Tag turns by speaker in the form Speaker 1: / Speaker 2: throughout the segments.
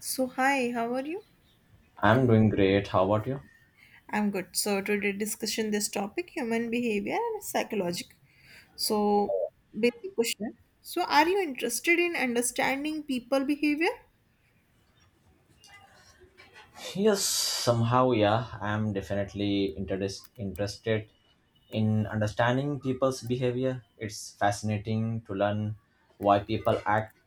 Speaker 1: So, hi, how are you?
Speaker 2: I'm doing great. How about you?
Speaker 1: I'm good. So, today discussion this topic human behavior and psychological. So, basic question. So, are you interested in understanding people behavior?
Speaker 2: Yes, somehow, yeah, I'm definitely interested in understanding people's behavior. It's fascinating to learn why people act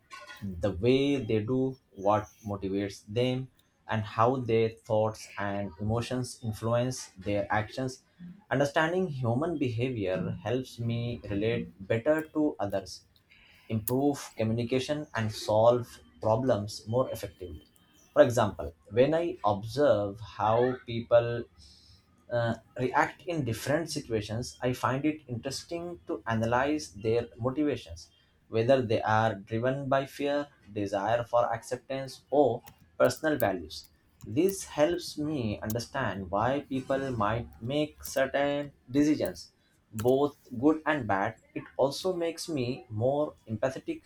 Speaker 2: the way they do, what motivates them, and how their thoughts and emotions influence their actions. Understanding human behavior helps me relate better to others, improve communication, and solve problems more effectively. For example, when I observe how people react in different situations, I find it interesting to analyze their motivations, whether they are driven by fear, desire for acceptance, or personal values. This helps me understand why people might make certain decisions, both good and bad. It also makes me more empathetic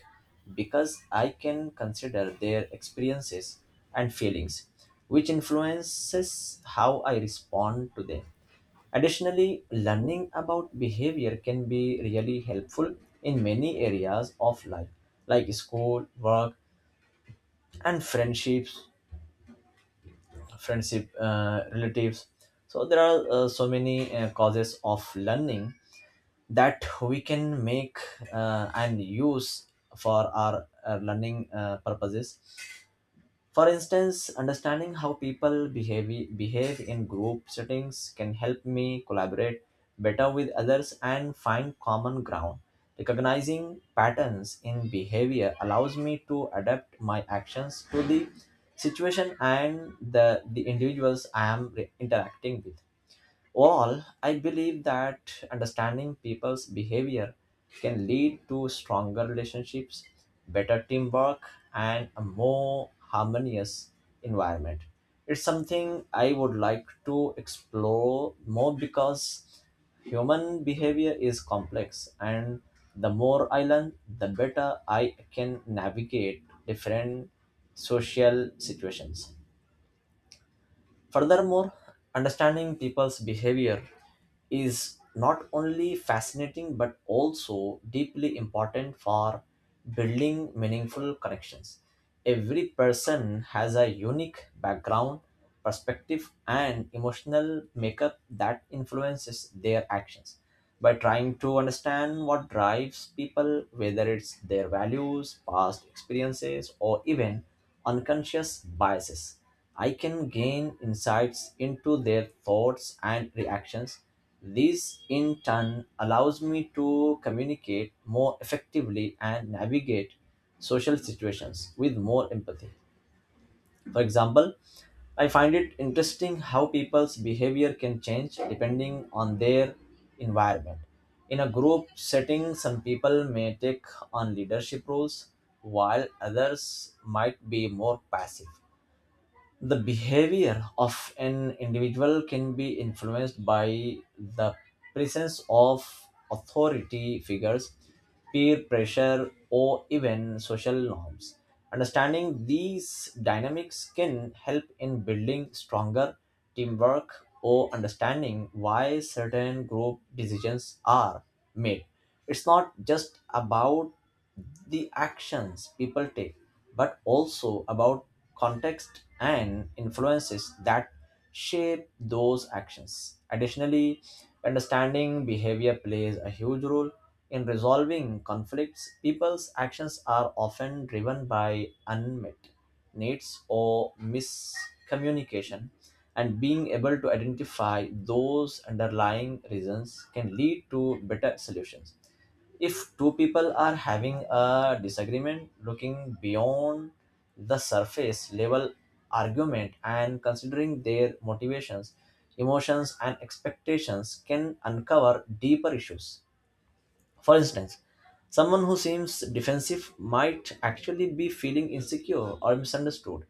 Speaker 2: because I can consider their experiences and feelings, which influences how I respond to them. Additionally, learning about behavior can be really helpful in many areas of life, like school, work, and friendships, relatives. So there are so many causes of learning that we can make and use for our learning purposes. For instance, understanding how behave in group settings can help me collaborate better with others and find common ground. Recognizing patterns in behavior allows me to adapt my actions to the situation and the individuals I am re- interacting with. All, I believe that understanding people's behavior can lead to stronger relationships, better teamwork, and a more harmonious environment. It's something I would like to explore more because human behavior is complex, and the more I learn, the better I can navigate different social situations. Furthermore, understanding people's behavior is not only fascinating but also deeply important for building meaningful connections. Every person has a unique background, perspective, and emotional makeup that influences their actions by trying to understand what drives people, whether it's their values, past experiences, or even unconscious biases. I can gain insights into their thoughts and reactions. This, in turn, allows me to communicate more effectively and navigate social situations with more empathy. For example, I find it interesting how people's behavior can change depending on their environment. In a group setting, some people may take on leadership roles, while others might be more passive. The behavior of an individual can be influenced by the presence of authority figures, peer pressure, or even social norms. Understanding these dynamics can help in building stronger teamwork or understanding why certain group decisions are made. It's not just about the actions people take, but also about context and influences that shape those actions. Additionally, understanding behavior plays a huge role in resolving conflicts. People's actions are often driven by unmet needs or miscommunication, and being able to identify those underlying reasons can lead to better solutions. If two people are having a disagreement, looking beyond the surface level argument and considering their motivations, emotions, and expectations can uncover deeper issues. For instance, someone who seems defensive might actually be feeling insecure or misunderstood.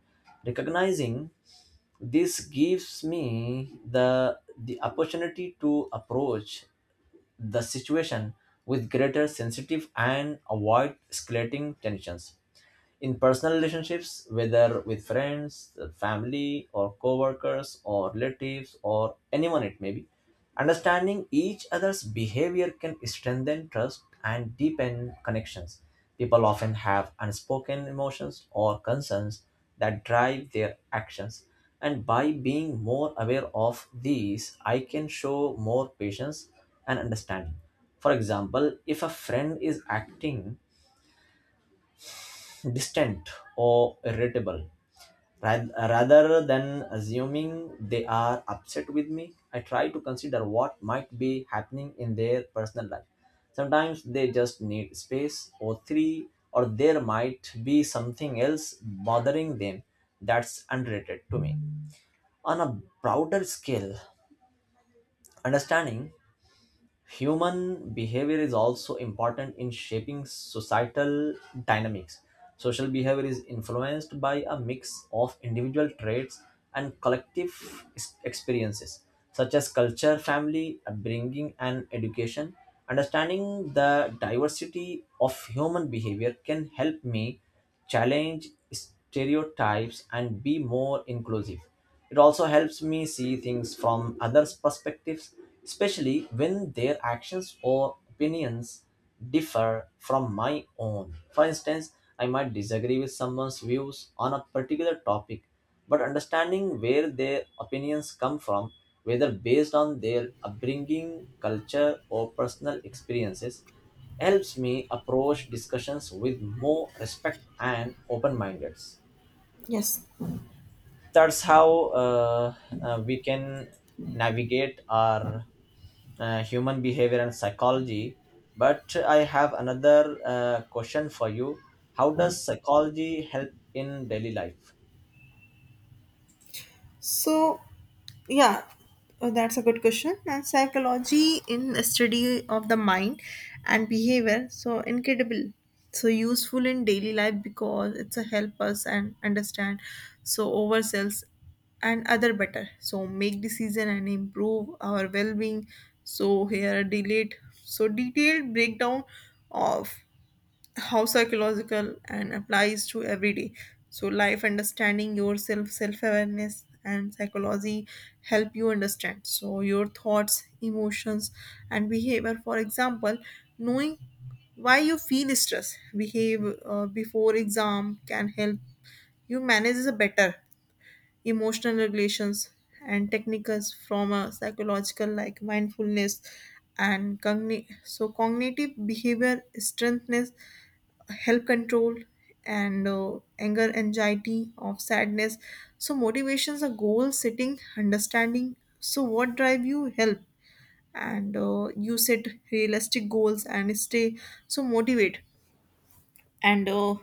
Speaker 2: Recognizing this gives me the opportunity to approach the situation with greater sensitive and avoid escalating tensions in personal relationships, whether with friends, family, or coworkers, or relatives, or anyone it may be. Understanding each other's behavior can strengthen trust and deepen connections. People often have unspoken emotions or concerns that drive their actions, and by being more aware of these, I can show more patience and understanding. For example, if a friend is acting distant or irritable. Rath- Rather than assuming they are upset with me, I try to consider what might be happening in their personal life. Sometimes they just need space or three, or there might be something else bothering them that's unrelated to me. On a broader scale, understanding human behavior is also important in shaping societal dynamics. Social behavior is influenced by a mix of individual traits and collective experiences, such as culture, family, upbringing, and education. Understanding the diversity of human behavior can help me challenge less stereotypes and be more inclusive. It also helps me see things from others' perspectives, especially when their actions or opinions differ from my own. For instance, I might disagree with someone's views on a particular topic, but understanding where their opinions come from, whether based on their upbringing, culture, or personal experiences, helps me approach discussions with more respect and open mindedness.
Speaker 1: Yes,
Speaker 2: That's how uh, we can navigate our human behavior and psychology. But I have another question for you. How does psychology help in daily life?
Speaker 1: So, yeah, that's a good question. And psychology in the study of the mind and behavior, so incredible, so useful in daily life because it's a help us and understand so ourselves and other better. So make decision and improve our well-being. So here a delayed, so detailed breakdown of how psychological and applies to everyday so life understanding yourself self-awareness and psychology help you understand so your thoughts emotions and behavior for example knowing why you feel stress behave before exam can help you manage a better emotional regulations and techniques from a psychological like mindfulness and so cognitive behavior strengthness help control and anger anxiety of sadness so motivations are goal setting understanding so what drive you help and you set realistic goals and stay so motivate and uh,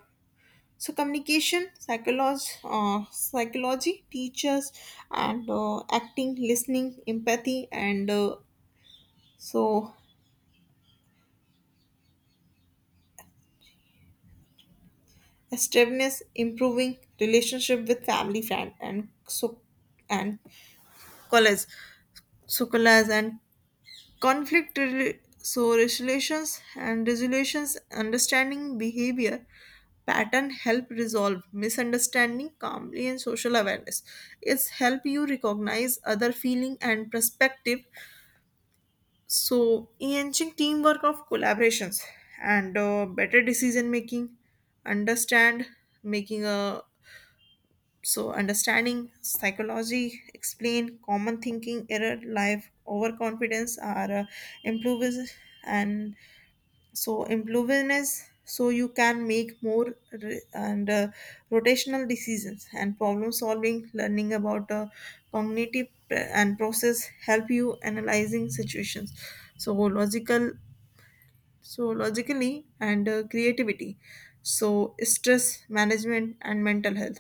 Speaker 1: so communication psychology psychology teachers and acting listening empathy and so assertiveness improving relationship with family friend and so and college Sukalas and conflict so resolutions and resolutions understanding behavior pattern help resolve misunderstanding calmly and social awareness it's help you recognize other feeling and perspective so enhancing teamwork of collaborations and better decision making understand making a so, understanding psychology, explain common thinking, error, life, overconfidence are improves and so improvenness. So you can make more re- and rotational decisions and problem solving. Learning about cognitive and process help you analyzing situations. So logical, so logically and creativity. So stress management and mental health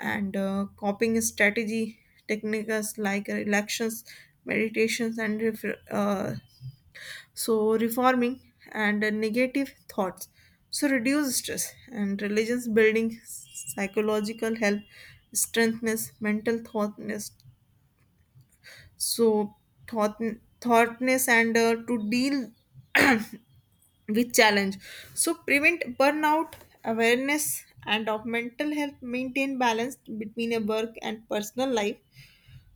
Speaker 1: and copying strategy techniques like relaxations, meditations, and so reforming and negative thoughts. So reduce stress and religions building psychological health, strengthness, mental thoughtness. So thought thoughtness and to deal with challenge. So prevent burnout, awareness, and of mental health. Maintain balance between a work and personal life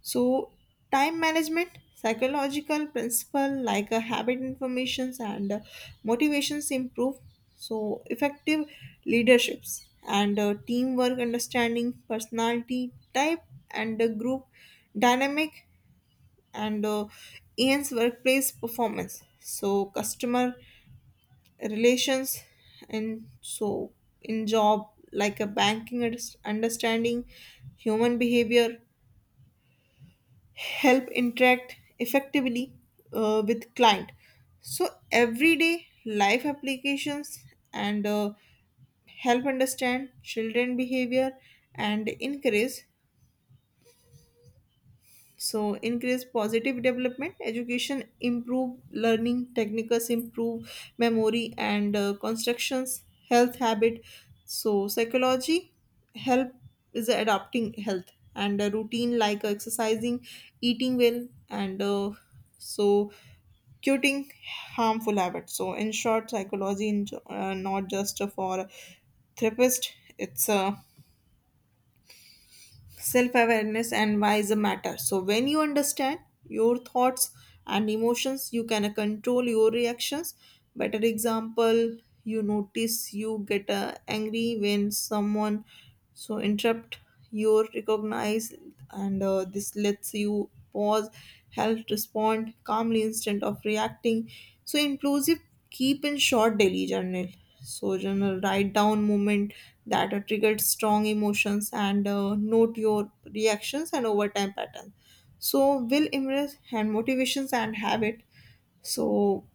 Speaker 1: so, time management, psychological principle like a habit informations and motivations improve. So, effective leaderships and teamwork understanding, personality type and group dynamic and EN's workplace performance. So, customer relations and so in job like a banking understanding, human behavior help interact effectively with client so everyday life applications and help understand children behavior and encourage so increase positive development education improve learning techniques improve memory and constructions health habit so psychology help is adapting health and a routine like exercising eating well and so cutting harmful habits so in short psychology in, not just for therapist it's self awareness and why is a matter so when you understand your thoughts and emotions you can control your reactions better example you notice you get angry when someone so interrupt your recognize and this lets you pause help respond calmly instead of reacting so inclusive keep in short daily journal. So journal, write down moment that triggered strong emotions and note your reactions and over time pattern. So will impress and motivations and habit. So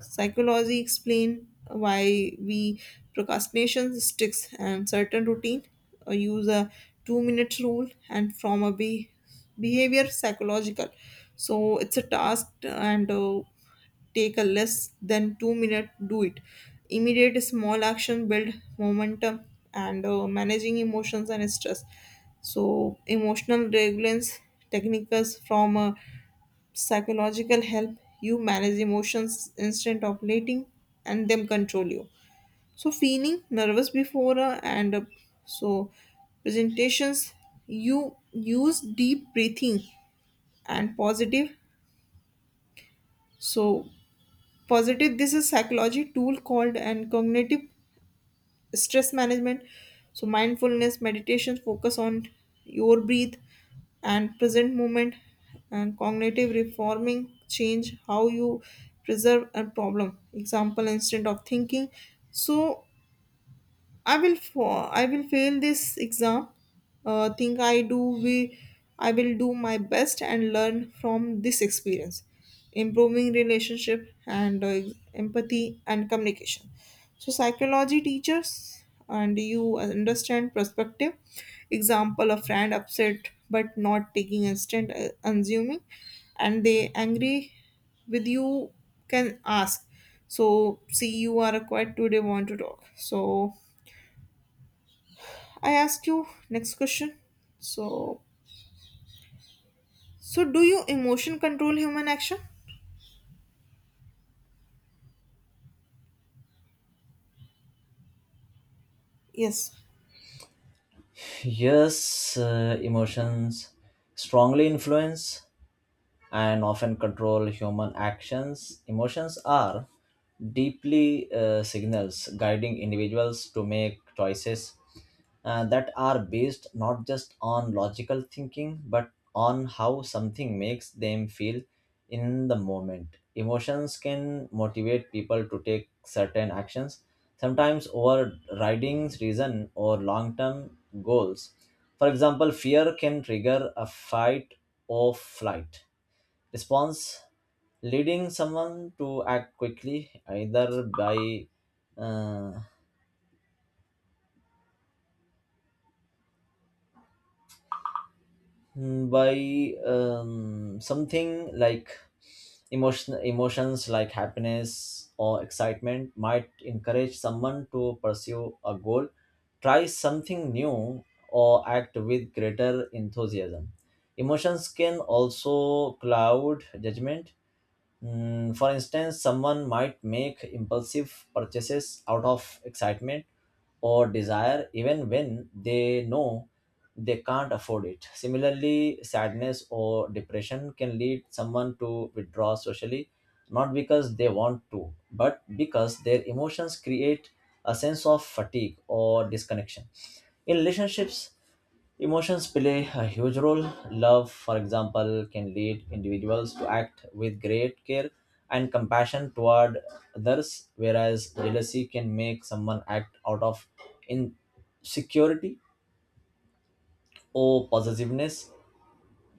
Speaker 1: psychology explain why we procrastination sticks and certain routine use a 2 minute rule and from a behavior psychological so it's a task and take a less than 2 minute do it immediate small action build momentum and managing emotions and stress so emotional regulance techniques from psychological help you manage emotions instead of letting and them control you so feeling nervous before and so presentations you use deep breathing and positive so positive this is psychology tool called and cognitive stress management so mindfulness meditation focus on your breath and present moment and cognitive reforming change how you preserve a problem example instant of thinking so I will fail this exam. Think I do we I will do my best and learn from this experience, improving relationship and empathy and communication. So psychology teachers and you understand perspective. Example: a friend upset but not taking instant assuming, and they angry with you can ask. So see, you are quiet today. Want to talk? So I ask you next question. So, so do you emotion control human action? Yes.
Speaker 2: Yes, emotions strongly influence and often control human actions. Emotions are deeply signals guiding individuals to make choices that are based not just on logical thinking but on how something makes them feel in the moment. Emotions can motivate people to take certain actions, sometimes overriding reason or long term goals. For example, fear can trigger a fight or flight response, leading someone to act quickly, either by uh, something like emotions like happiness or excitement might encourage someone to pursue a goal, try something new, or act with greater enthusiasm. Emotions can also cloud judgment. For instance, someone might make impulsive purchases out of excitement or desire even when they know they can't afford it. Similarly, sadness or depression can lead someone to withdraw socially, not because they want to, but because their emotions create a sense of fatigue or disconnection. In relationships, emotions play a huge role. Love, for example, can lead individuals to act with great care and compassion toward others, whereas jealousy can make someone act out of insecurity or possessiveness.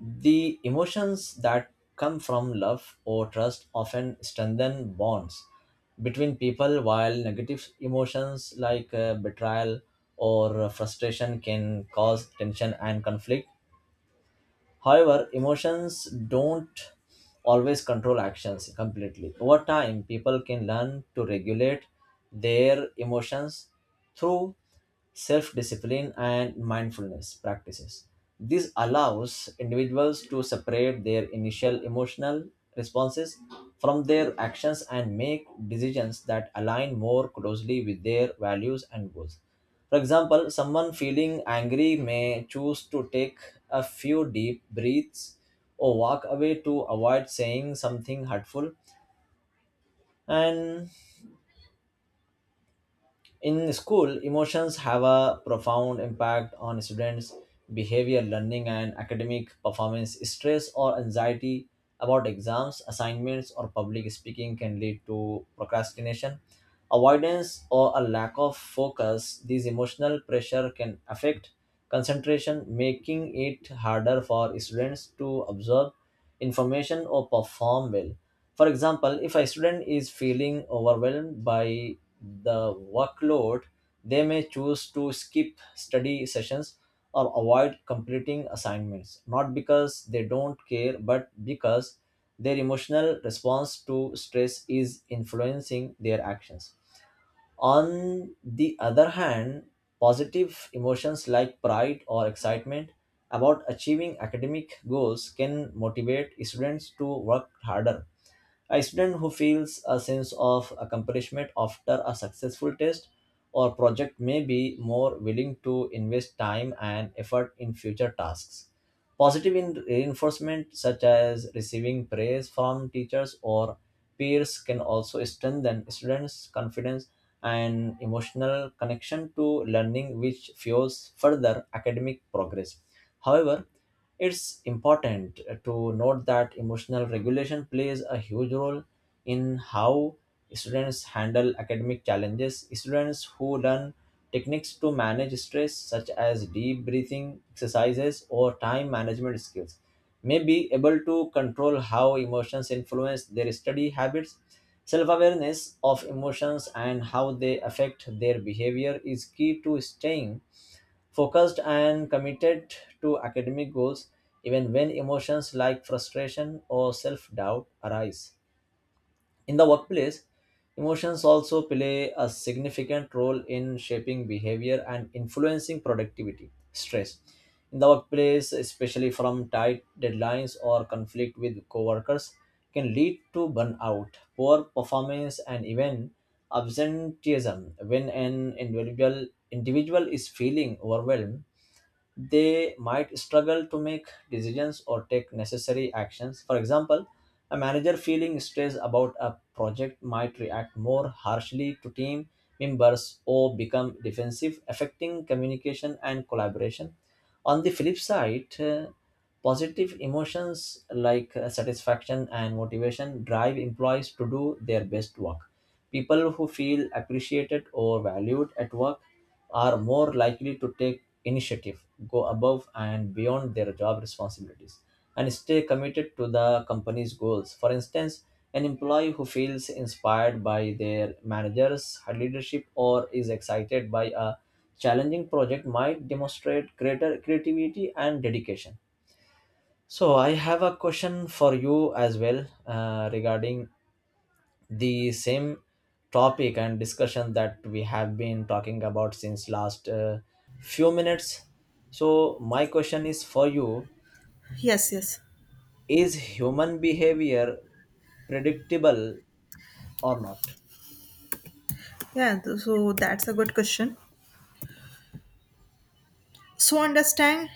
Speaker 2: The emotions that come from love or trust often strengthen bonds between people, while negative emotions like betrayal or frustration can cause tension and conflict. However, emotions don't always control actions completely. Over time, people can learn to regulate their emotions through self discipline and mindfulness practices. This allows individuals to separate their initial emotional responses from their actions and make decisions that align more closely with their values and goals. For example, someone feeling angry may choose to take a few deep breaths or walk away to avoid saying something hurtful. And in school, emotions have a profound impact on students' behavior, learning, and academic performance. Stress or anxiety about exams, assignments, or public speaking can lead to procrastination, avoidance, or a lack of focus. These emotional pressure can affect concentration, making it harder for students to absorb information or perform well. For example, if a student is feeling overwhelmed by the workload, they may choose to skip study sessions or avoid completing assignments, not because they don't care, but because their emotional response to stress is influencing their actions. On the other hand, positive emotions like pride or excitement about achieving academic goals can motivate students to work harder. A student who feels a sense of accomplishment after a successful test or project may be more willing to invest time and effort in future tasks. Reinforcement, such as receiving praise from teachers or peers, can also strengthen students' confidence and emotional connection to learning, which fuels further academic progress. However, it's important to note that emotional regulation plays a huge role in how students handle academic challenges. Students who learn techniques to manage stress, such as deep breathing exercises or time management skills, may be able to control how emotions influence their study habits. Self awareness of emotions and how they affect their behavior is key to staying focused and committed to academic goals, even when emotions like frustration or self doubt arise. In the workplace, emotions also play a significant role in shaping behavior and influencing productivity. Stress in the workplace, especially from tight deadlines or conflict with coworkers, can lead to burnout, poor performance, and even absenteeism. When an individual is feeling overwhelmed, they might struggle to make decisions or take necessary actions. For example, a manager feeling stressed about a project might react more harshly to team members or become defensive, affecting communication and collaboration. On the flip side, positive emotions like satisfaction and motivation drive employees to do their best work. People who feel appreciated or valued at work are more likely to take initiative, go above and beyond their job responsibilities, and stay committed to the company's goals. For instance, an employee who feels inspired by their manager's leadership or is excited by a challenging project might demonstrate greater creativity and dedication. So I have a question for you as well, regarding the same topic and discussion that we have been talking about since last few minutes. So my question is for you,
Speaker 1: Yes, yes.
Speaker 2: is human behavior predictable or not?
Speaker 1: Yeah, so that's a good question. So understand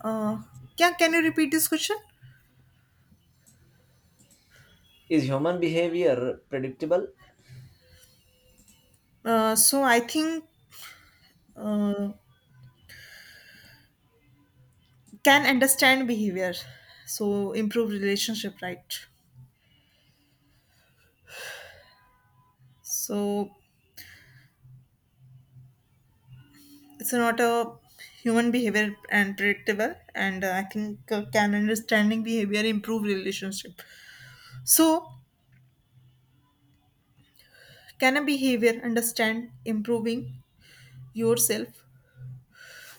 Speaker 1: uh yeah, can you repeat this question?
Speaker 2: Is human behavior predictable?
Speaker 1: So I think uh, can understand behavior. So improve relationship, right? So it's not a human behavior and predictable and I think can understanding behavior improve relationship. So can a behavior understand improving yourself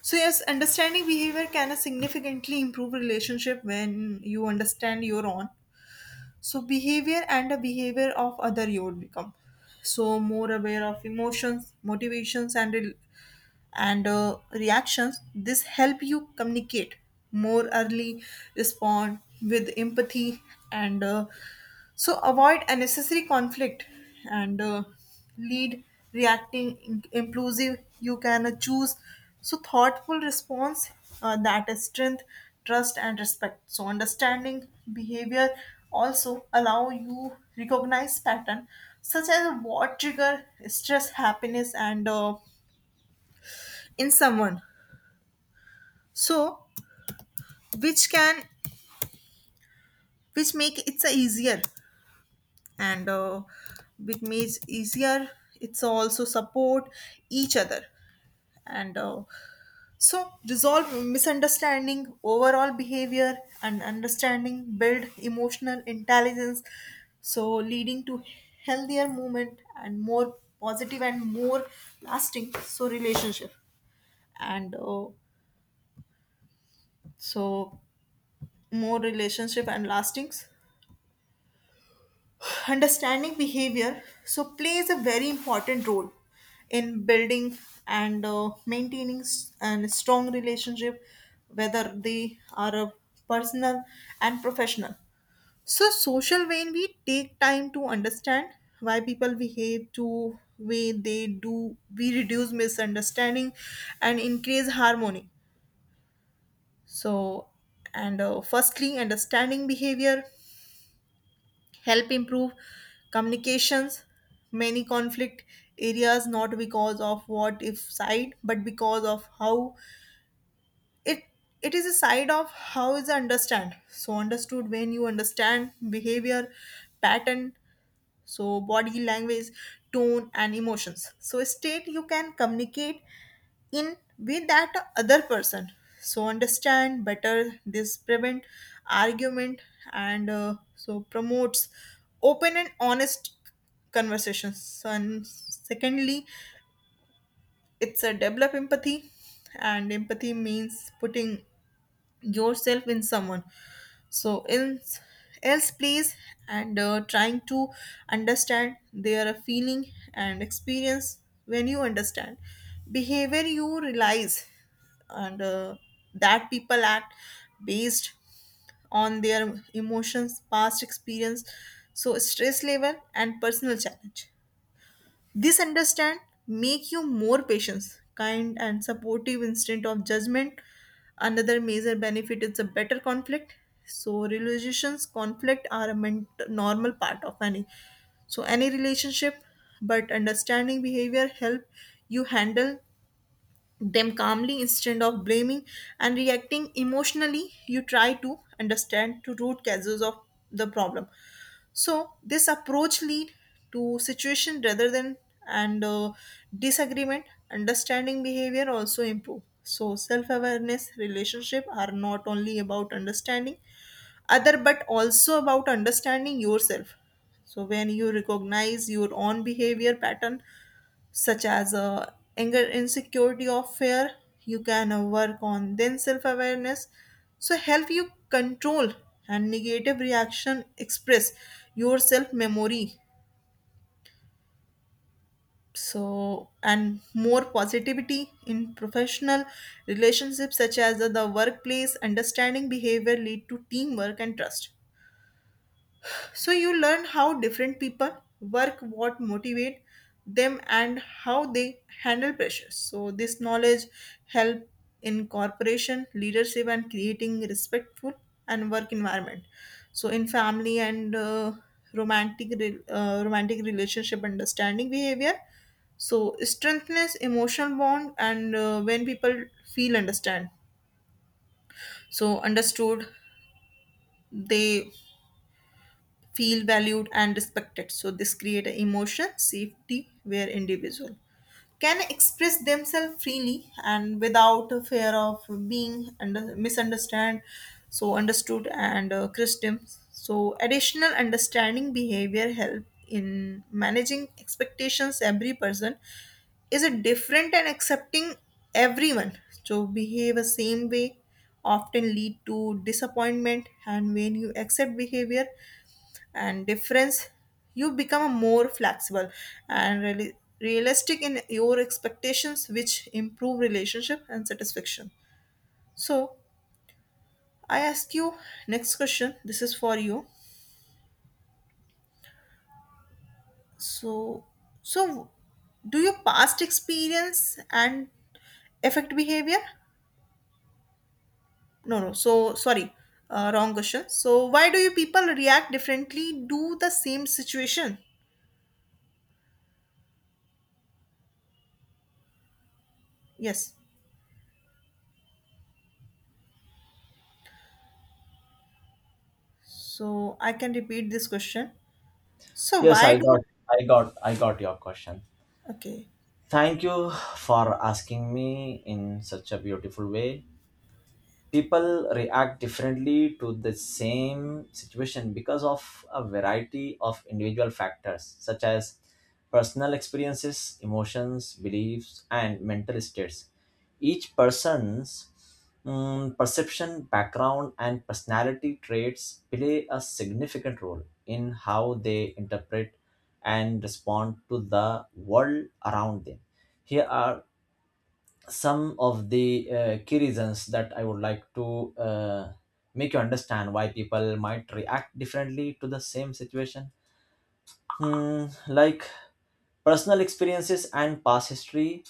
Speaker 1: so yes understanding behavior can significantly improve relationship when you understand your own so behavior and the behavior of other you would become so more aware of emotions motivations and reactions this help you communicate more early respond with empathy and so avoid unnecessary conflict and lead reacting inclusive you can choose so thoughtful response that is strength trust and respect so understanding behavior also allow you recognize pattern such as what trigger stress happiness and in someone so which can which make it's a easier and which makes easier it's also support each other and so resolve misunderstanding overall behavior and understanding build emotional intelligence so leading to healthier movement and more positive and more lasting so relationship and so more relationship and lastings understanding behavior so plays a very important role in building and maintaining and strong relationship whether they are a personal and professional so social when we take time to understand why people behave to way they do we reduce misunderstanding and increase harmony so and firstly understanding behavior help improve communications many conflict areas not because of what if side but because of how it it is a side of how is understand so understood when you understand behavior pattern so body language tone and emotions so state you can communicate in with that other person so understand better this prevent argument and so promotes open and honest conversations and secondly it's a develop empathy and empathy means putting yourself in someone so in else please and trying to understand their feeling and experience when you understand behavior you realize and that people act based on their emotions past experience so stress level and personal challenge this understand make you more patient, kind and supportive instead of judgment. Another major benefit is a better conflict. So relations conflict are a normal part of any relationship, but understanding behavior help you handle them calmly instead of blaming and reacting emotionally. You try to understand to root causes of the problem. So this approach lead to situation rather than and disagreement. Understanding behavior also improve. So self-awareness relationship are not only about understanding other but also about understanding yourself. So when you recognize your own behavior pattern such as anger insecurity or fear you can work on then self-awareness so help you control and negative reaction express your self memory so and more positivity in professional relationships such as the workplace understanding behavior lead to teamwork and trust so you learn how different people work what motivate them and how they handle pressure so this knowledge help in corporation leadership and creating respectful and work environment so in family and romantic romantic relationship understanding behavior so strengthens emotional bond and when people feel understand so understood they feel valued and respected. So this create an emotion safety where individual can express themselves freely and without a fear of being under, misunderstood so understood and christian so additional understanding behavior help in managing expectations every person is a different and accepting everyone so behave the same way often lead to disappointment and when you accept behavior and difference you become more flexible and really realistic in your expectations which improve relationship and satisfaction so I ask you next question this is for you so so do your past experience and affect behavior no no so sorry wrong question so why do you people react differently do the same situation yes so I can repeat this question so
Speaker 2: Yes,
Speaker 1: why
Speaker 2: i
Speaker 1: do
Speaker 2: got i got I got your question.
Speaker 1: okay.
Speaker 2: Thank you for asking me in such a beautiful way. People react differently to the same situation because of a variety of individual factors, such as personal experiences, emotions, beliefs, and mental states. Each person's perception, background, and personality traits play a significant role in how they interpret and respond to the world around them. Here are some of the key reasons that I would like to make you understand why people might react differently to the same situation. Like personal experiences and past history,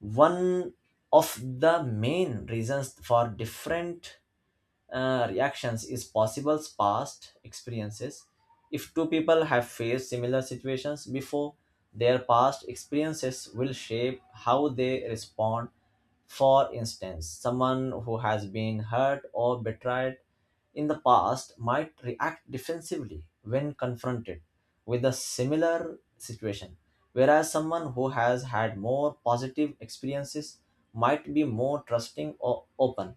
Speaker 2: one of the main reasons for different reactions is possible past experiences. If two people have faced similar situations before, their past experiences will shape how they respond. For instance, someone who has been hurt or betrayed in the past might react defensively when confronted with a similar situation, whereas someone who has had more positive experiences might be more trusting or open.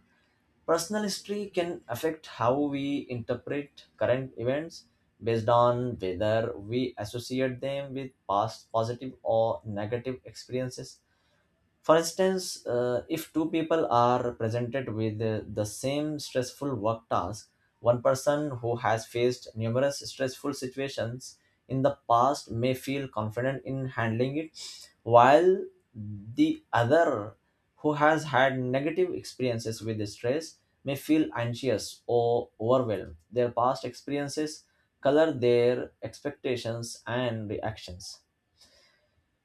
Speaker 2: Personal history can affect how we interpret current events based on whether we associate them with past positive or negative experiences. For instance, if two people are presented with the same stressful work task, one person who has faced numerous stressful situations in the past may feel confident in handling it, while the other who has had negative experiences with stress may feel anxious or overwhelmed. Their past experiences color their expectations and reactions.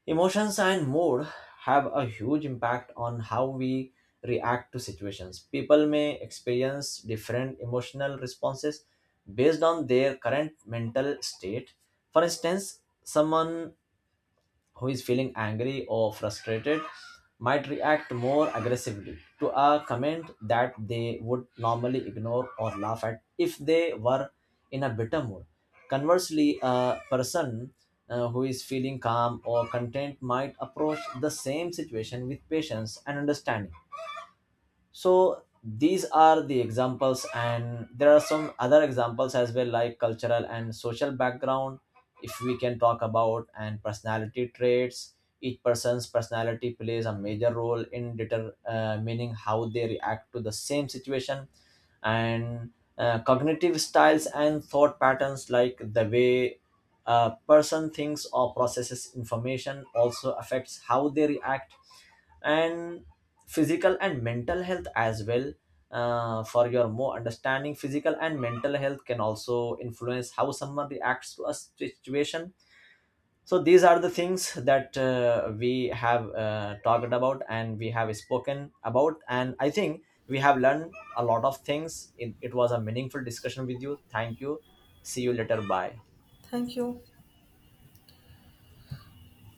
Speaker 2: Emotions and mood have a huge impact on how we react to situations. People may experience different emotional responses based on their current mental state. For instance, someone who is feeling angry or frustrated might react more aggressively to a comment that they would normally ignore or laugh at if they were in a bitter mood. Conversely, a person who is feeling calm or content might approach the same situation with patience and understanding. So these are the examples, and there are some other examples as well, like cultural and social background, if we can talk about, and personality traits. Each person's personality plays a major role in determining how they react to the same situation. And cognitive styles and thought patterns, like the way a person thinks or processes information, also affects how they react. And physical and mental health as well. For your more understanding, physical and mental health can also influence how someone reacts to a situation. So these are the things that we have talked about and we have spoken about, and I think we have learned a lot of things. It was a meaningful discussion with you. Thank you, see you later, bye.
Speaker 1: Thank you.